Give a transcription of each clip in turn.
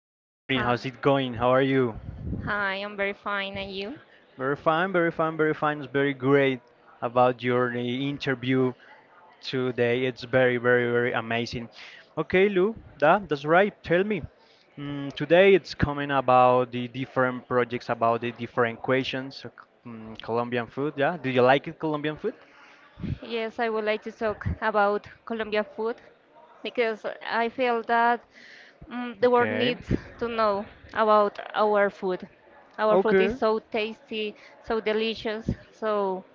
Good morning. Hi. How's it going? How are you? Hi, I'm very fine. And you? Very fine, very fine, very fine. It's very great about your interview today. It's very, very, very amazing. Okay, Lou, that's right. Tell me. Today it's coming about the different projects, about the different questions. So Colombian food, yeah? Do you like it, Colombian food? Yes, I would like to talk about Colombia food because I feel that the world Okay. needs to know about our food. Our food Okay. is so tasty, so delicious. So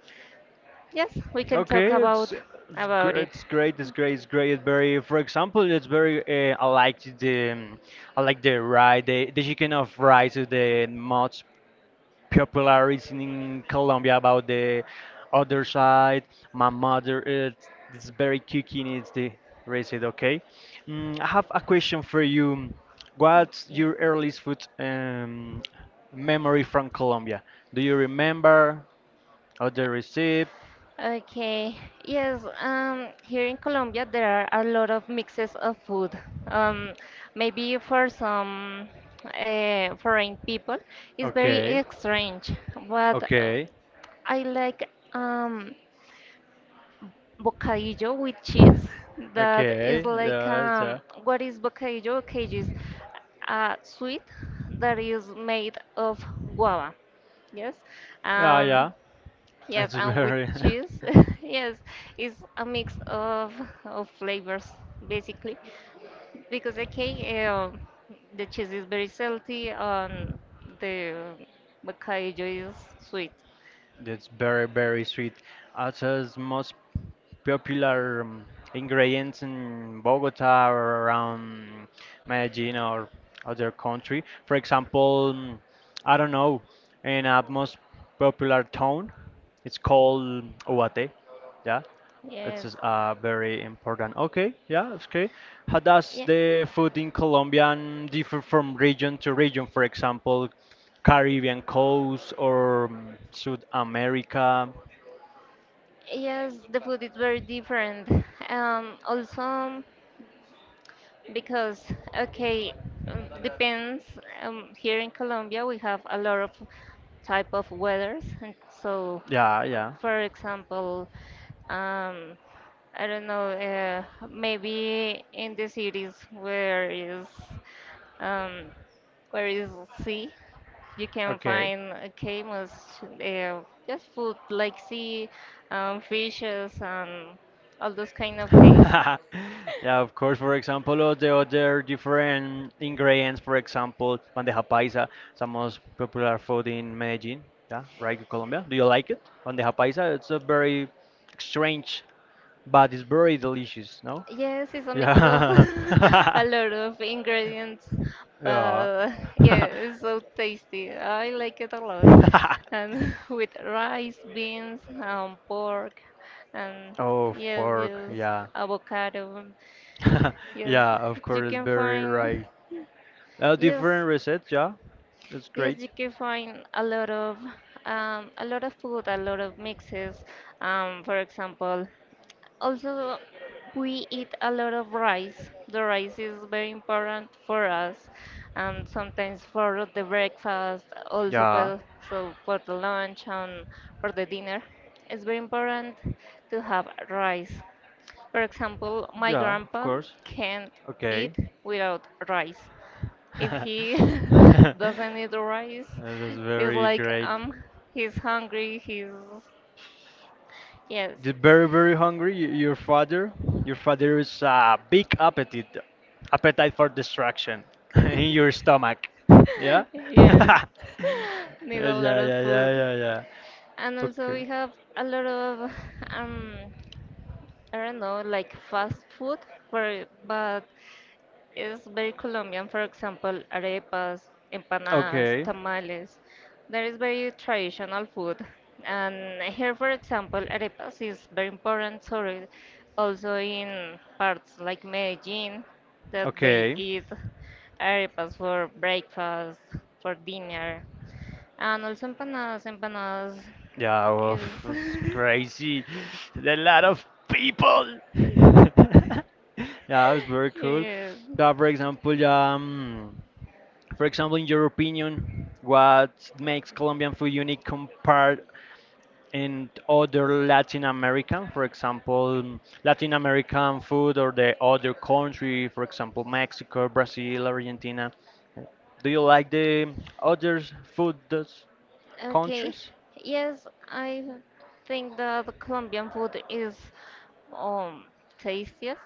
yes, we can Okay, talk it's about it's, gr- about it. it's great. It's great. It's great. It's very, for example, it's very. I like the rice. The chicken of rice is the most popular is in Colombia. About the other side, my mother is it's very cooking. It's the recipe. Okay, I have a question for you. What's Okay. your earliest food memory from Colombia? Do you remember or the recipe? Okay. Yes, here in Colombia there are a lot of mixes of food. Um, Maybe for some foreign people it's Okay. very strange, but Okay, I like bocadillo with cheese. That is okay, like yeah, yeah, what is bocadillo? Bocadillo is a sweet that is made of guava. Yes. yeah, Um, yeah. Yes, It's and with very, cheese, yes, it's a mix of flavors basically, because the cake, the cheese is very salty and the bocadillo is sweet. it's very, very sweet. Acha's most popular ingredients in Bogota or around Medellin or other country. For example, I don't know, in a most popular town, it's called Uate, yeah. It's Yes, very important. Okay, yeah, it's okay. How does yeah, the food in Colombian differ from region to region? For example, Caribbean coast or South America? yes, the food is very different. Also. Because, okay, depends. Here in Colombia, we have a lot of type of weathers, and so, Yeah, yeah. for example, um, I don't know, maybe in the cities um, where is sea, you can Okay. find okay, most just food like sea, fishes, and all those kind of things. Yeah, of course. For example, all the other different ingredients, for example, bandeja paisa, it's the most popular food in Medellin, yeah, right, in Colombia. Do you like it? Bandeja paisa, it's a very strange but it's very delicious, no? Yes, it's a mix of Yeah. a lot of ingredients, yeah. but yeah, it's so tasty. I like it a lot. And with rice, beans, pork, and oh, yes, pork, yes, yeah. avocado. Yes, yeah, of you course, it's can very find right. Yes, Different reset, yeah. That's yes, great. you can find a lot of food, a lot of mixes. For example, also, we eat a lot of rice. The rice is very important for us, and sometimes for the breakfast, also Yeah. well, so for the lunch and for the dinner. It's very important to have rice. For example, my Yeah, of grandpa course. can't Okay. eat without rice. If he That doesn't eat rice, is it's very like great. He's hungry, he's yes. You're very, very hungry. Your father, your father is a big appetite, appetite for destruction in your stomach. Yeah. Yes, yeah, need a lot yeah, of yeah, food. yeah, yeah. And also Okay, we have a lot of um I don't know like fast food for but it's very Colombian. For example, arepas, empanadas, okay, tamales. There is very traditional food. And here, for example, arepas is very important. Sorry, also in parts like Medellin that they okay. eat arepas for breakfast, for dinner. And also empanadas Yeah, well, is it's crazy. There are a lot of people. yeah, it was very cool. yeah. Yeah, for example, in your opinion, what makes Colombian food unique compared in other Latin American, for example, Latin American food or the other country, for example, Mexico, Brazil, Argentina. Do you like the other food those Okay. countries? Yes, I think that the Colombian food is um tastiest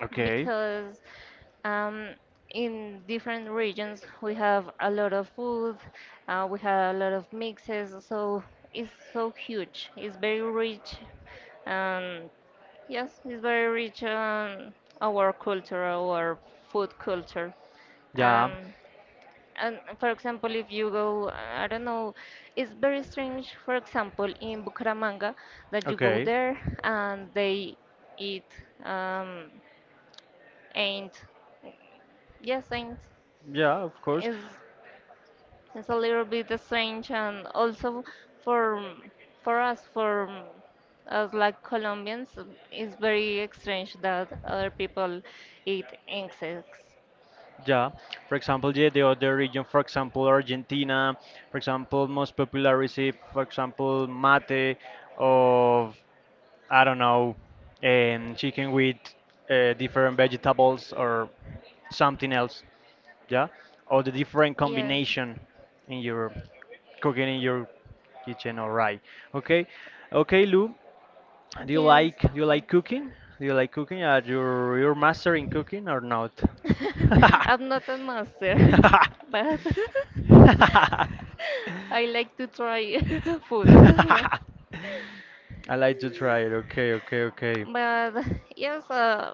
Okay. because um in different regions we have a lot of food, we have a lot of mixes, so it's so huge. It's very rich. Um, yes, it's very rich on our culture, our food culture. Yeah. Um, and for example, if you go, I don't know, it's very strange, for example, in Bucaramanga that you go Okay. there and they eat um, ain't. Yes, ain't Yeah, of course. is is a little bit strange and also for for us like Colombians it's very strange that other people eat insects. Yeah. For example, yeah, the other region, for example, Argentina, for example, most popular receive, for example, mate of I don't know, chicken with different vegetables or something else, yeah, or the different Yes, combination in your cooking in your kitchen. All right, okay, okay, Lou, do you yes. like do you like cooking? Do you like cooking? Are you your master in cooking or not? I'm not a master, but I like to try food. But, I like to try it. Okay, okay, okay. but yes,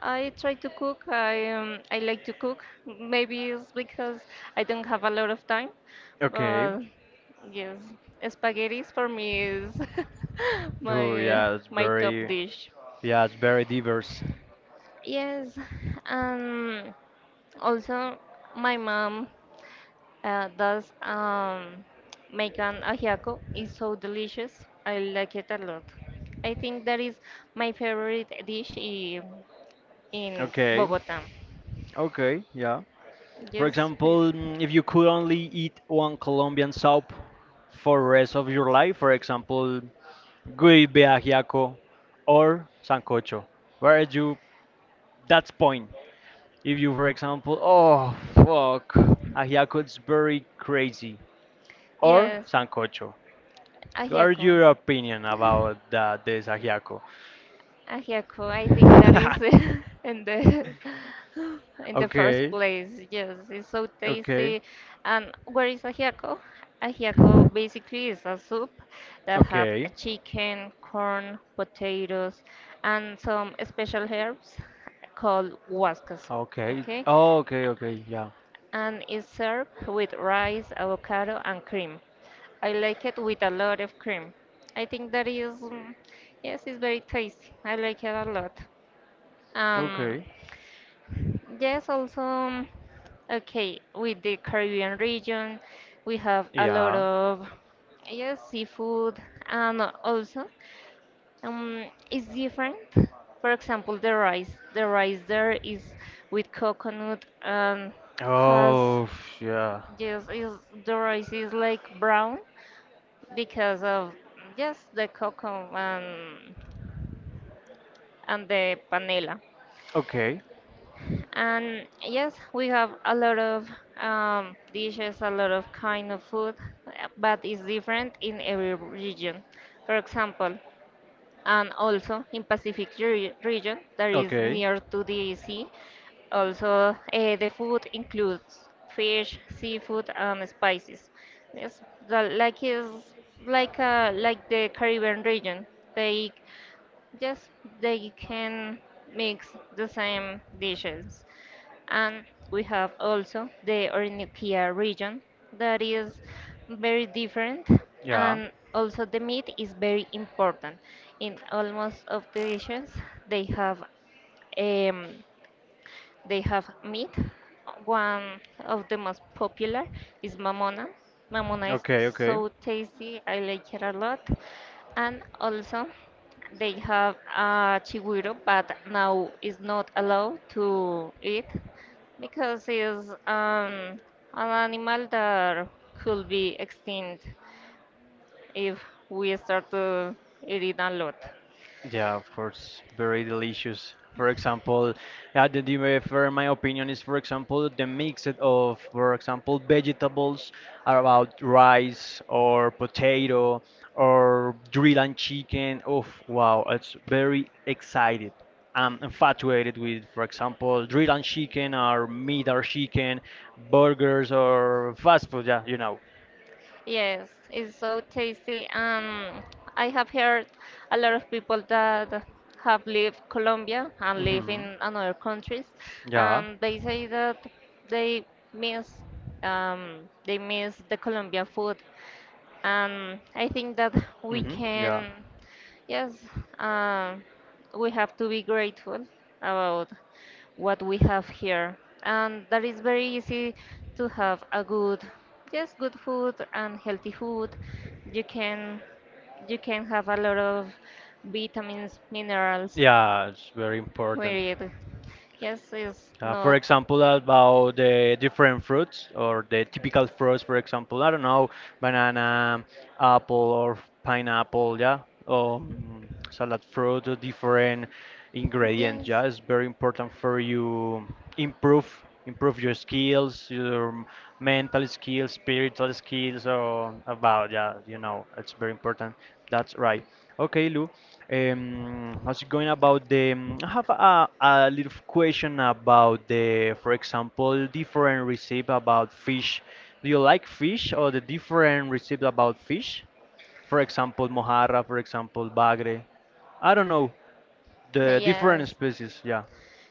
I try to cook. I like to cook. Maybe it's because I don't have a lot of time, Okay. but yes, spaghetti for me is Oh, my my top dish. yeah, it's very diverse. Yes, um, also my mom does make an ajiaco. It's so delicious. I like it a lot. I think that is my favorite dish in Okay. Bogota. Okay. Yeah. For Yes, example, if you could only eat one Colombian soup for rest of your life, for example, guibe ajiaco or sancocho, where would you? That's point. If you, for example, oh fuck, ajiaco is very crazy, or yes, sancocho. What are ajiaco. your opinion about that, this ajiaco? Ah, yeah, cool. I think that is in the in the first Okay. place. Yes, it's so Okay, tasty. And where is ajiaco? Ajiaco basically is a soup that have okay, a chicken, corn, potatoes, and some special herbs called huascas. okay, Okay, oh, okay, okay, yeah, and it's served with rice, avocado, and cream. I like it with a lot of cream. I think that is, yes, it's very tasty. I like it a lot. Um, okay, yes, also, okay, with the Caribbean region, we have a lot yeah, of yes, seafood, and also it's different. For example, the rice there is with coconut and has oh, yeah, yes, is the rice is like brown because of just the cocoa and the panela. okay, And yes, we have a lot of dishes, a lot of kind of food, but it's different in every region. For example, and also in Pacific region that is okay, near to the sea, also the food includes fish, seafood, and spices. Yes, the, like is like the Caribbean region. They just they can mix the same dishes. And we have also the Orinoquia region that is very different yeah, and also the meat is very important. In almost of the dishes they have um, they have meat. One of the most popular is mamona. Mamona is okay, okay, so tasty. I like it a lot. And also, they have chigüiro, but now is not allowed to eat because it's an animal that could be extinct if we start to eat it a lot. yeah, of course, very delicious. For example, for my opinion is, for example, the mix of, for example, vegetables about rice or potato or drill and chicken. Oh, wow, it's very excited. I'm infatuated with, for example, drill and chicken or meat or chicken, burgers or fast food. Yeah, you know. Yes, it's so tasty. I have heard a lot of people that have lived Colombia and live hmm in another countries, Yeah. and they say that they miss they miss the Colombian food. I think that we Yeah. can, yes, um, we have to be grateful about what we have here. And that is very easy to have a good, yes, good food and healthy food. You can, you can have a lot of vitamins, minerals Yeah, it's very important. with Yes, it's For not, example, about the different fruits or the typical fruits, for example, I don't know, banana, apple, or pineapple, yeah, or salad fruit, or different ingredients. yes, Yeah, it's very important for you improve your skills, your mental skills, spiritual skills, or about yeah, you know, it's very important. That's right. Okay, Lou. How's it going about the? I have a little question about the, for example, different recipe about fish. Do you like fish or the different recipe about fish? For example, mojarra. For example, bagre. I don't know the different yes. species. Yeah.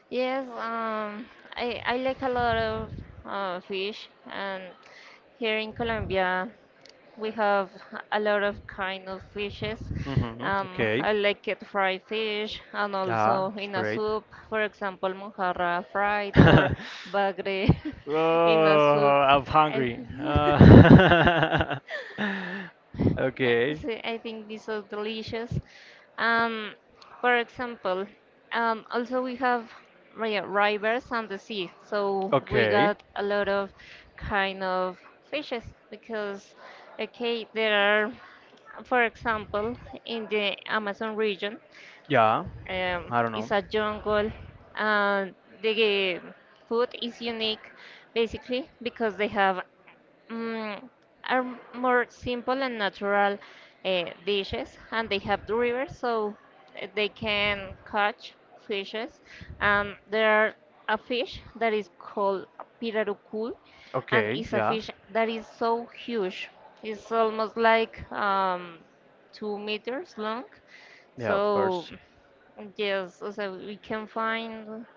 Yes, I like a lot of fish, and here in Colombia we have a lot of kind of fishes. Okay. I like it fried fish and Yeah, also it's in a great. soup, for example, mojarra fried or bagre in a soup. Oh, I'm I- hungry. Uh, okay. So I think these are delicious. Um, for example, also we have rivers and the sea, so we Okay. got a lot of kind of fishes because, okay, there are, for example, in the Amazon region, Yeah, I don't know. it's a jungle, and the food is unique basically because they have mm, are more simple and natural dishes, and they have the river, so they can catch fishes. There are a fish that is called pirarucul, and Okay, it's a yeah, fish that is so huge. It's almost like 2 meters long. yeah, of So course. yes, so we can find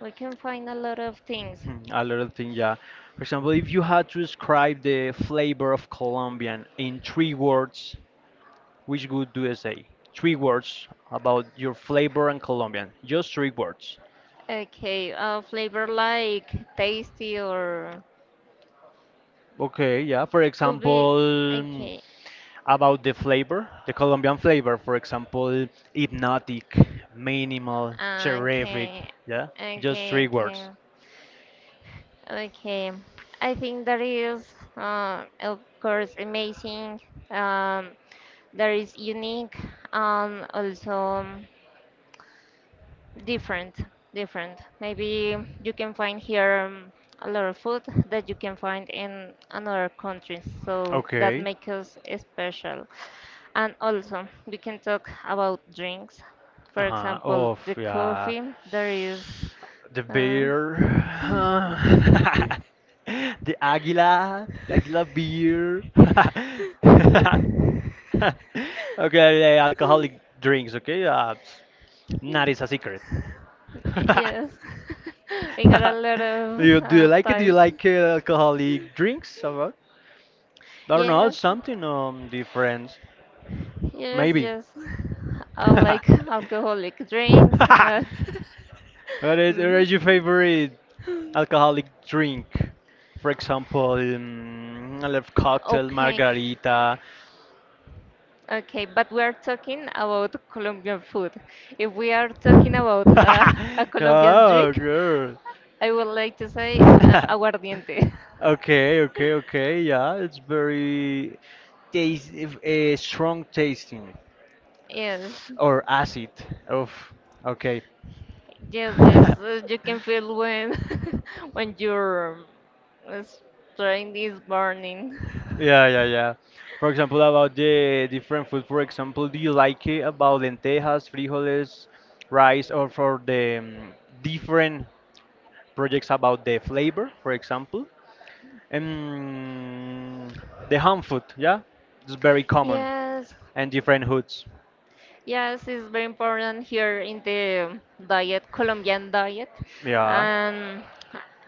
we can find a lot of things. Hmm, a little thing, yeah. For example, if you had to describe the flavor of Colombian in three words, which would do you say? Three words about your flavor and Colombian. Just three words. Okay, flavor like tasty or Okay, yeah. For could be. example, Okay, about the flavor, the Colombian flavor, for example, hypnotic, minimal, terrific. okay, Yeah, just three okay, okay, words. okay. I think that is, of course, amazing. Um, that is unique and also. Different, different. Maybe you can find here a lot of food that you can find in another countries, so that Okay. makes us special. And also, we can talk about drinks. For Uh-huh. example, Oh the yeah. coffee. There is, The uh, bear. the águila. The águila beer. okay, alcoholic drinks, okay? Not is a secret. yes, we got a lot do you of do you like it? Do you types. like alcoholic drinks? Or what? I don't know, Yes, something different. Yes, Maybe. yes. I like alcoholic drinks. What mm. is your favorite alcoholic drink? For example, I love cocktail, Okay, margarita. okay, but we are talking about Colombian food. If we are talking about oh, a Colombian drink, girl. I would like to say aguardiente. okay, okay, okay. Yeah, it's very taste, strong tasting Yes, or acid. Of okay. yes, yes. You can feel when when your uh, strength is burning. Yeah, yeah, yeah. For example, about the different food, for example, do you like it about lentejas, frijoles, rice, or for the different projects about the flavor, for example? Um, the ham food, yeah? It's very common Yes, and different hoods. Yes, it's very important here in the diet, Colombian diet. Yeah. And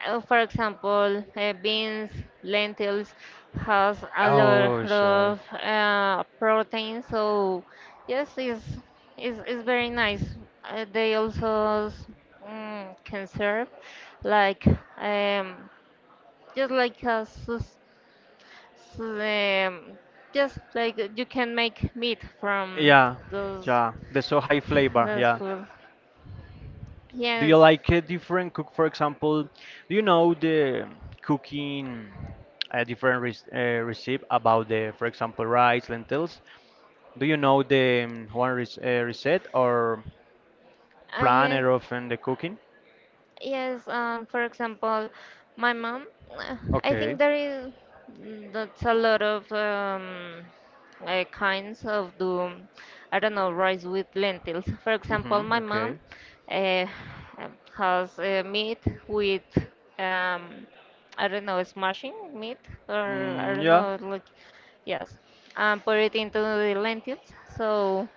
for example, beans, lentils has a lot Oh, shit. of protein. So yes, it's very nice. They also can serve like um, just like a s- um, just like you can make meat from Yeah, those yeah. The so high flavor, that's yeah. food. Do you Yes. like a different cook? For example, do you know the cooking a different recipe about the, for example, rice, lentils? Do you know the one reset or Yeah. planner of in the cooking? Yes. For example, my mom. uh, I think Okay. there is. That's a lot of kinds of the. I don't know rice with lentils. For example, Mm-hmm. my mom Okay. uh, has meat with um, I don't know smashing meat or I Mm, don't yeah. know like yes, and put it into the lentils. So.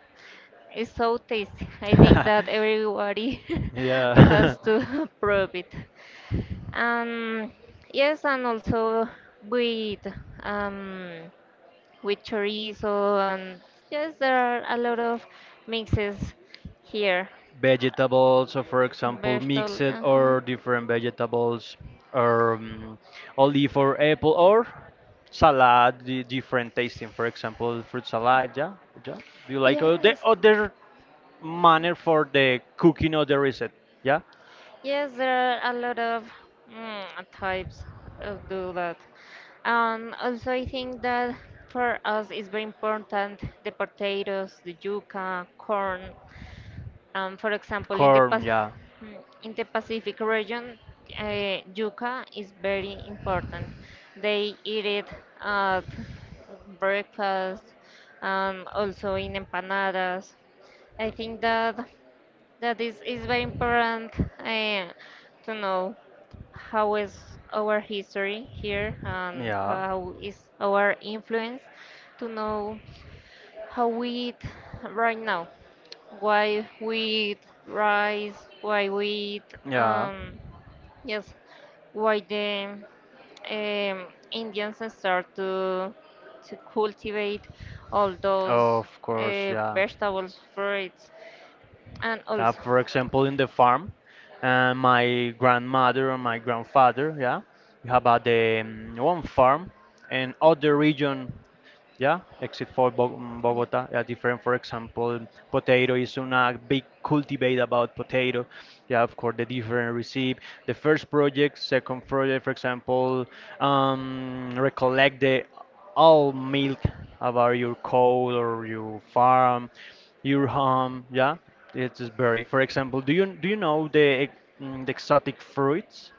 It's so tasty. I think that everybody Yeah. has to prove it. Um, yes, and also with um, with chorizo and yes, there are a lot of mixes here. vegetables, so for example, Vegetable, mixed uh-huh. or different vegetables, or olive or apple, or salad, different tasting. For example, fruit salad. Yeah, yeah. Do you like the Yes. other manner for the cooking or the recipe? Yeah, Yes, there are a lot of mm, types of do that. And also, I think that for us it's very important the potatoes, the yuca, corn. For example, in the pa corn. Yeah, mm, in the Pacific region, yuca is very important. They eat it at breakfast and also in empanadas. I think that. That is very important uh, to know how is our history here and yeah, how is our influence to know how we eat right now, why we eat rice, why we eat, yeah. Yes, why the Indians start to cultivate all those Of course, yeah. vegetables, fruits, and also. For example, in the farm, my grandmother or my grandfather, yeah, you have the one farm and other region yeah, except for Yeah. Bogota, yeah, different. For example, potato is a big cultivate about potato. Yeah, of course, the different receive the first project, second project, for example, recollect the all milk about your cow or your farm, your home. Yeah, it is very. For example, do you know the ex- the exotic fruits?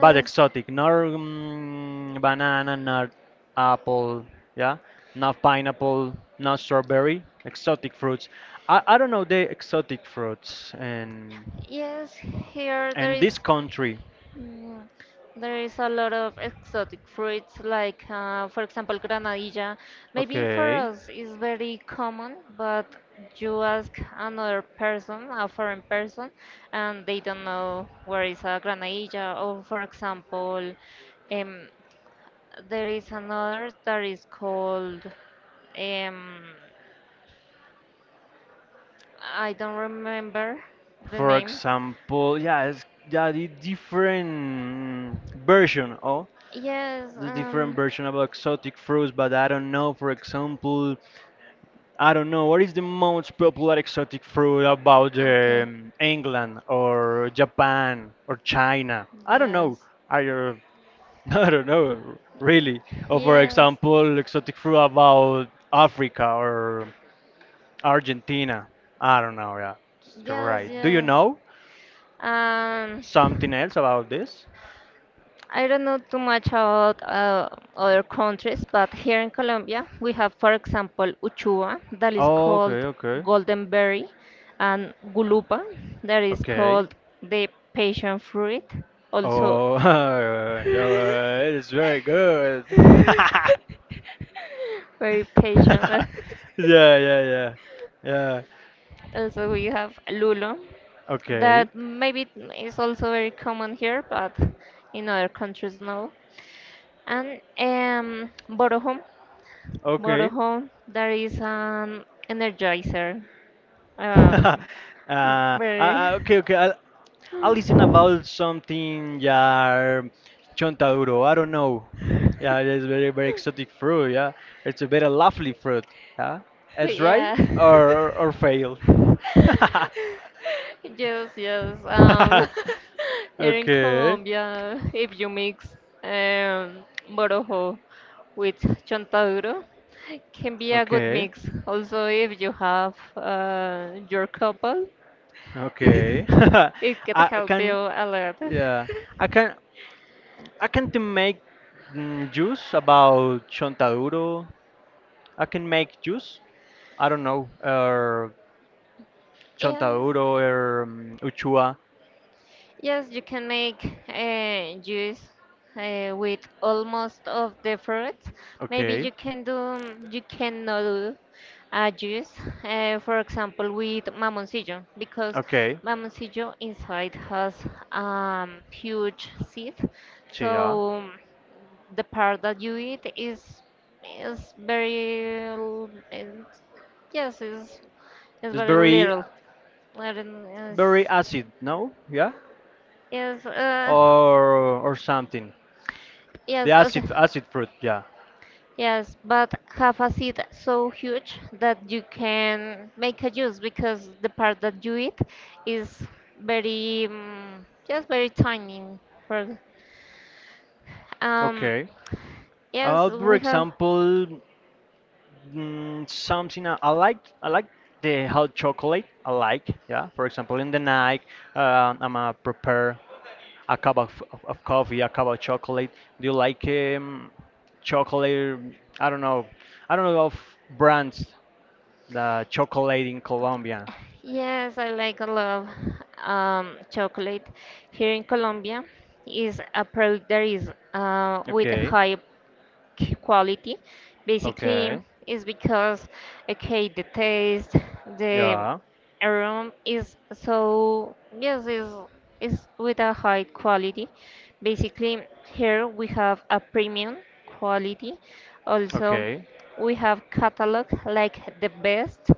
But exotic, not banana, not apple, yeah, not pineapple, not strawberry, exotic fruits. I don't know the exotic fruits yes, here and this country. mm, there is a lot of exotic fruits like for example granadilla. Maybe for Okay, us is very common, but you ask another person, a foreign person, and they don't know where is a granadilla. Or for example, um, there is another that is called um, I don't remember the for name. example, yeah, it's yeah the different version. Oh, Yes, the different version about exotic fruits, but I don't know. For example, I don't know. What is the most popular exotic fruit about Okay. England or Japan or China? I don't know. Yes. I, I don't know, really. Or for Yes. example, exotic fruit about Africa or Argentina. I don't know. Yeah, Yes, right. Do you yes. know Um, something else about this? I don't know too much about other countries, but here in Colombia, we have, for example, Uchuva, that is called Okay, okay, golden berry, and Gulupa, that is okay. called the passion fruit, also Oh, that was- it's very good. very yeah, patient. yeah, yeah, yeah. Also, we have Lulo, Okay, that maybe is also very common here, but in other countries no. And okay. Borojo, that is an energizer. Uh, uh, very, okay, okay. I'll listen about something. Yeah, chontaduro. I don't know. Yeah, it is very, very exotic fruit. Yeah, it's a very lovely fruit. Yeah, it's right yeah. Or fail. Yes, yes. Here in okay, Colombia, if you mix um, Borojo with Chontaduro, can be a good okay, mix. Also, if you have your couple, okay. it can I help you can, a lot. yeah, I can. I can to make juice about chontaduro. I can make juice. I don't know. Yes, Chontaduro or uchua. yes, you can make juice with almost of the fruits. Maybe Okay. you can do, you cannot do a juice, for example, with mamoncillo, because Okay. mamoncillo inside has huge seeds. So yeah, So the part that you eat is very yes is it's very very little. I don't, yes, very acid. No. Yeah. yes, Or or something. The yes, acid fruit. Yeah. yes, but have a seed so huge that you can make a juice because the part that you eat is very, just very tiny for, um, Okay. yes, For we have. example, something I like. I like the hot chocolate. I like. Yeah. For example, in the night, I'm a prepare a cup of coffee, a cup of chocolate. Do you like chocolate? I don't know. I don't know of brands the chocolate in Colombia. Yes, I like a lot of, chocolate. Here in Colombia is a product that is, with Okay. high quality. Okay. Basically, is because, okay, the taste, the Yeah. aroma is so, yes, is with a high quality. Basically, here we have a premium quality. Also, Okay. we have catalog like the best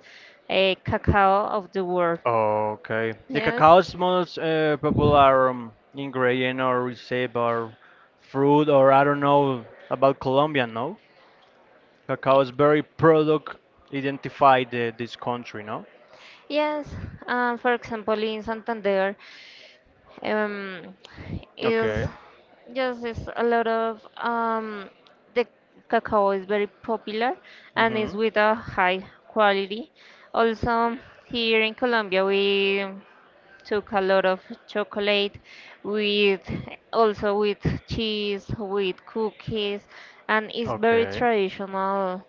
cacao of the world, Okay. The yes. cacao is most popular ingredient or recipe or fruit or I don't know about Colombia, no? Cacao is very product identified this country, no? Yes, for example, in Santander, um, is Okay. just is a lot of, the cacao is very popular and is Mhm. with a high quality. Also, here in Colombia, we took a lot of chocolate with, also with cheese, with cookies, and it's very Okay. traditional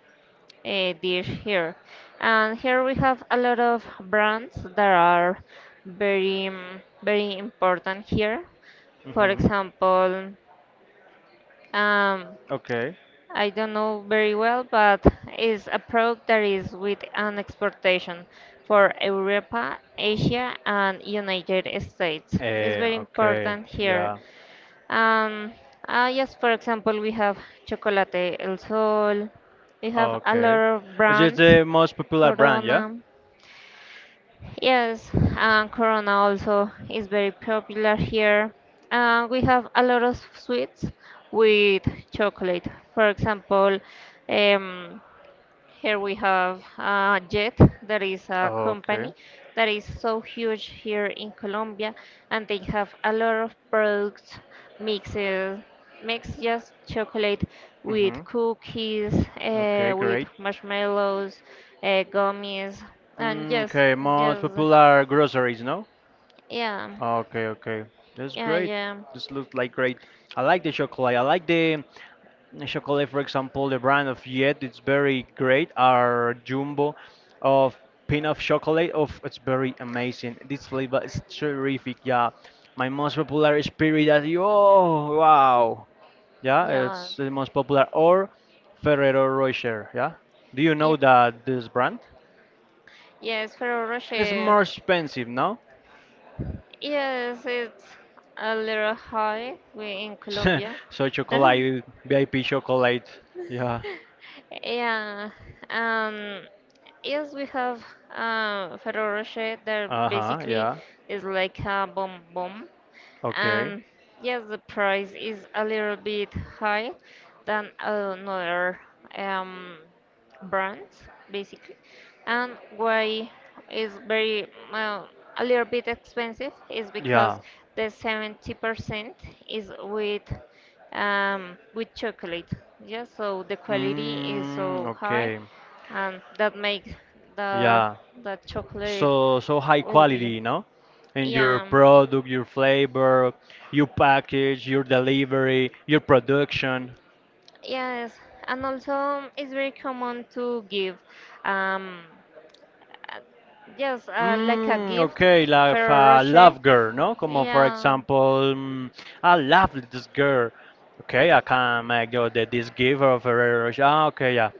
dish here. And here we have a lot of brands that are very, very important here. For Mhm. example, um, Okay. I don't know very well, but it's a product that is with an exportation for Europa, Asia, and United States. It's Eh, very okay. important here. Yeah. um, yes, for example, we have Chocolate El Sol, we have a lot Okay. of It's just brands, the most popular brand, yeah? Corona. Yes, and Corona also is very popular here. We have a lot of sweets with chocolate. For example, um, here we have Jet, that is a Okay. company that is so huge here in Colombia, and they have a lot of products, mixes, mix just chocolate Mm-hmm. with cookies, Okay, with great. marshmallows, gummies, and Mm, yes, okay, most yes, popular groceries, no? yeah, Okay, okay. That's yeah, great. yeah, This looks like great. I like the chocolate. I like the chocolate, for example, the brand of Yet. It's very great. Our Jumbo of peanut chocolate. Of it's very amazing. This flavor is terrific. Yeah, my most popular is Piridat. Oh, wow. yeah, Yeah, well, it's the most popular. Or Ferrero Rocher. Yeah. Do you yeah, know that this brand? yes, Ferrero It's Rocher, more expensive, no? yes, it's a little high we in Colombia. So chocolate, VIP chocolate. Yeah. Yeah. Um, yes, we have Ferrero Rocher that Uh-huh. basically Yeah. is like a bomb. Okay. And yes, the price is a little bit high than another um, brands. Basically, and why is very, well, a little bit expensive is Yeah. because the 70% is with, with chocolate, yeah, so the quality is Mm, so high, okay. and that makes the Yeah. the chocolate So so high will be, quality, no? And your yeah, product, your flavor, your package, your delivery, your production. yes, and also it's very common to give, um, yes, like a Mm, gift, okay, like Ferrero a Rocher. love girl, no? Como for Yeah, example, I love this girl. Okay, I can make this giver of her. Ah, okay, yeah.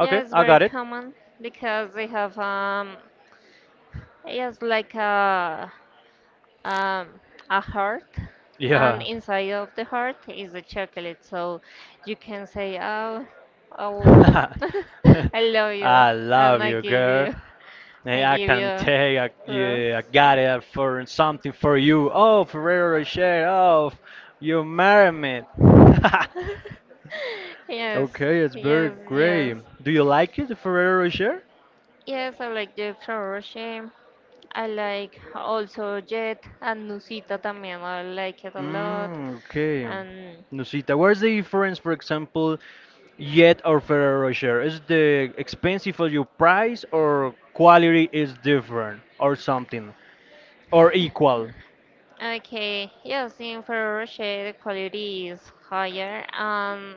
yeah, it's I very got it. common because they have, yes, like a, um, a heart, and Yeah. inside of the heart is the chocolate. So you can say, "Oh, oh, I love you, I and love I you, give girl. you, Hey, I I give can you take I, this." yeah, I got it for something for you. Oh, Ferrero Rocher. Oh, you marry me. Yes, Okay, it's very yes, great. yes. Do you like it, Ferrero Rocher? Yes, I like Jeff Saroche. I like also Jet and Nusita también. I like it a lot. Mm, okay. And Nusita, where's the difference, for example, Yet or Ferrero Rocher? Is the expensive for your price or quality is different or something or equal? okay, yes, in Ferrero Rocher the quality is higher.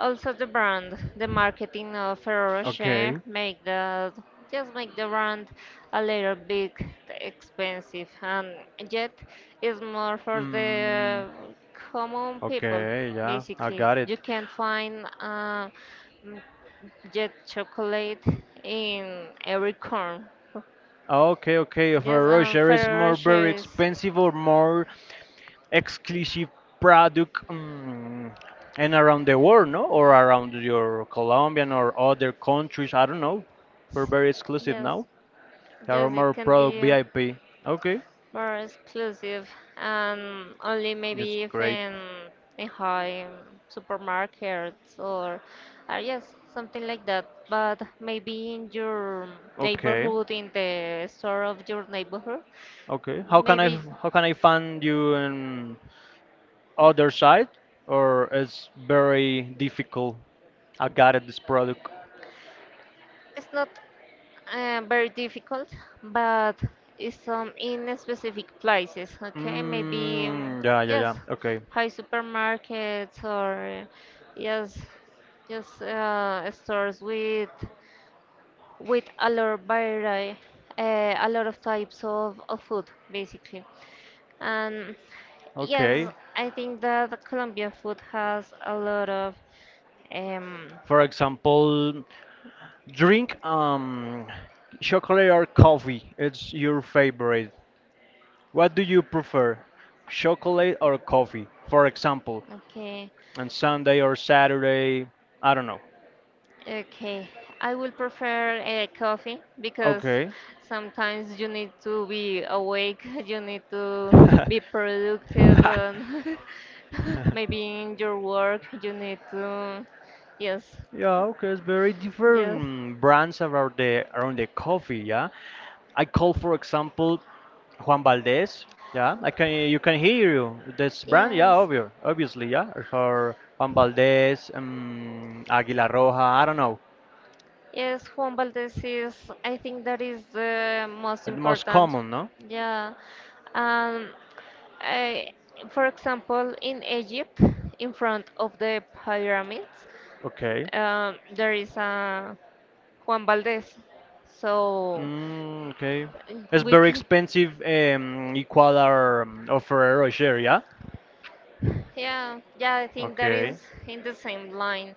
Also the brand, the marketing of Ferrero Okay. Rocher make the just make the brand a little bit expensive, and yet it's more for Mm, the common people. okay, yeah, I Basically, got it. you can find, mm, jet chocolate in every corner. Okay, okay. If a Yes, Roger is Ferrero more very Rocher is, expensive or more exclusive product, mm, and around the world, no, or around your Colombian or other countries, I don't know. We're very exclusive yes. now. There are Yes, it more can product be VIP. Okay, more exclusive, and only that's maybe if great. In high, supermarkets, or yes, something like that. But maybe in your Okay, neighborhood, in the store of your neighborhood, okay. How can I maybe f- how can I find you in other side, or it's very difficult? I got it, this product. it's not very difficult, but it's some in specific places. Okay, maybe, Mm, yeah, yeah, yes, yeah. Okay, high supermarkets, or yes, just stores with a lot of variety, a lot of types of food basically. And yes, okay. I think that Colombian food has a lot of, um, For example, drink chocolate or coffee. It's your favorite. What do you prefer, chocolate or coffee? For example, okay. on Sunday or Saturday. I don't know. Okay, I will prefer coffee because Okay. sometimes you need to be awake, you need to be productive, and maybe in your work you need to, yes, Yeah, okay, it's very yes, different brands around the coffee, yeah. I call for example Juan Valdez, yeah. I can you can hear you this brand, yeah, yes, obvious, obviously, yeah. Or Juan Valdez, Águila Roja, I don't know. yes. Juan Valdez is, I think that is the most The most important. common, no? Yeah, um, I, for example, in Egypt, in front of the pyramids. Okay. Um, there is a Juan Valdez. So Mm, okay. It's we very can, expensive equal our offer or share, yeah? yeah, yeah, I think that Okay. is in the same line.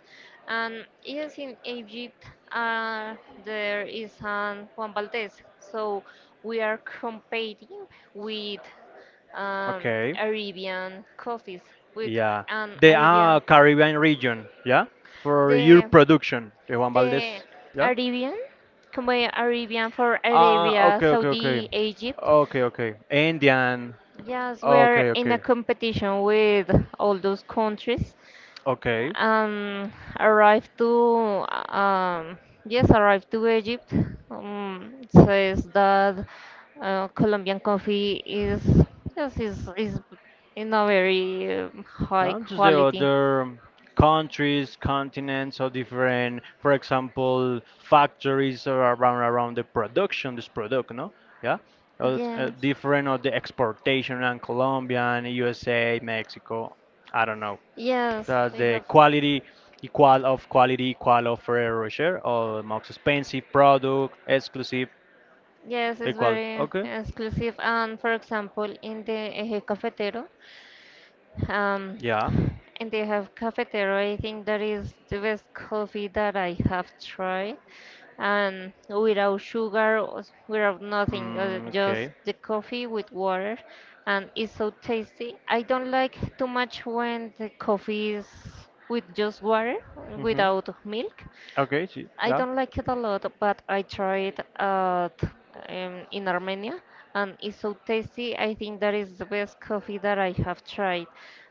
And yes, in Egypt, uh, there is an Juan Valdez. So we are competing with, um, Okay. Arabian coffees, with Yeah, an the Arabian, Caribbean region, yeah, for your the production, the Juan the Valdez, yeah. Arabian, come by Arabian for Ah, Arabia, okay, okay, okay, Saudi, Egypt. okay, okay. Indian, Yes, we're okay, in a okay, competition with all those countries okay. and arrived to, um, yes, arrived to Egypt. It says that Colombian coffee is, yes is in a very, high Yeah, just the quality. other countries, continents, or different, for example, factories or around the production, this product, no? Yeah, Yes, different of the exportation and Colombian, USA, Mexico. I don't know. yes, That's we the have. Quality equal of Ferrero share, or the most expensive product, exclusive Yes, it's equal. very Okay. exclusive. And for example, in the Eje Cafetero, Um, Yeah. and they have cafetero. I think that is the best coffee that I have tried. And without sugar, or without nothing, Mm, just okay. the coffee with water. And it's so tasty. I don't like too much when the coffee is with just water, Mm-hmm. without milk. Okay. she- I Yeah. don't like it a lot, but I tried at, in Armenia, and it's so tasty. I think that is the best coffee that I have tried.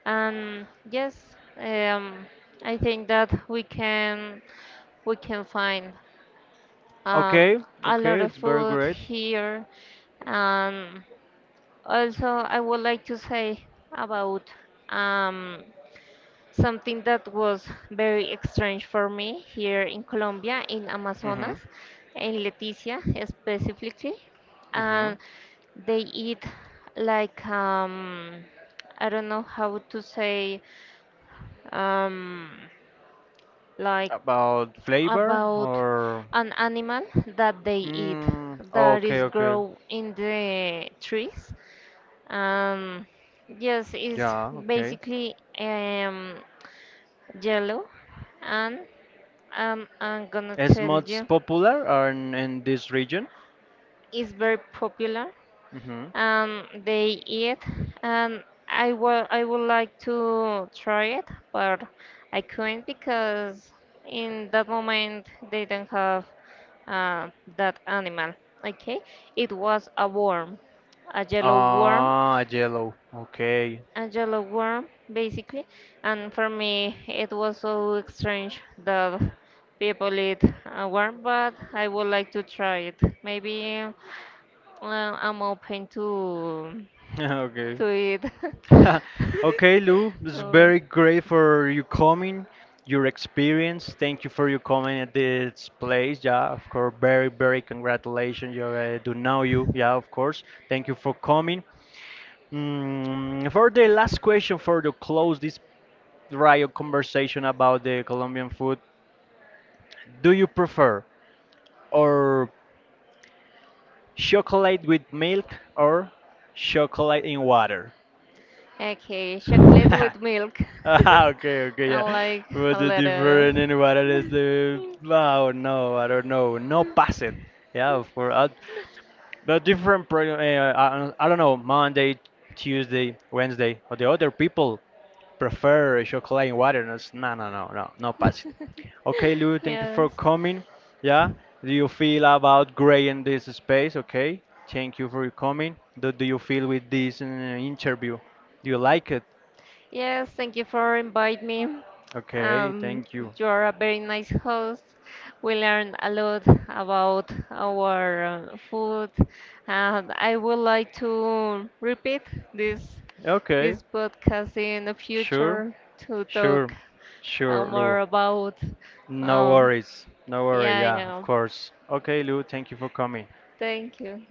And yes, I think that we can find, um, Okay. a lot Okay. of It's very food great. here. And also, I would like to say about, um, something that was very strange for me here in Colombia, in Mm-hmm. Amazonas, in Leticia specifically, Mm-hmm. and they eat like, I don't know how to say, um, like About flavor about or. an animal that they eat Mm, that okay. is Okay. grow in the trees. Um, yes, it's Yeah. Okay. basically, yellow, and I'm gonna It's tell you most popular in this region. it's very popular, Mm-hmm. and they eat, and I would like to try it, but I couldn't because in that moment they didn't have uh, that animal. Okay, it was a worm, a yellow worm, Ah, yellow. Okay. a yellow worm. Basically, and for me it was so strange that people eat a worm, but I would like to try it maybe. I'm open Okay. to eat. Okay, Lou, it's Or- very great for you coming, your experience. Thank you for your coming at this place. Yeah, of course, very, very congratulations. You do know you. Yeah, of course. Thank you for coming. Mm, for the last question, for to close this Rio conversation about the Colombian food, do you prefer or chocolate with milk or chocolate in water? okay, chocolate with milk. Ah, okay, okay, I yeah. like a Was it lot of, different in what it is the oh no, I don't know. No pass it. Yeah, for the different pro I don't know, Monday, Tuesday, Wednesday, or the other people prefer chocolate and water. And it's- No, no, no, no, no pass it. Okay, Lou, thank you for yes. coming. Yeah. Do you feel about gray in this space? Okay. Thank you for coming. Do you feel with this interview? Do you like it? Yes, thank you for inviting me. Okay, Um, thank you. you're a very nice host. We learned a lot about our food, and I would like to repeat this Okay. this podcast in the Sure, future to talk sure, sure, Lou. more about. No Um, worries. No worry. yeah, Yeah, of yeah. course. Okay, Lou, thank you for coming. Thank you.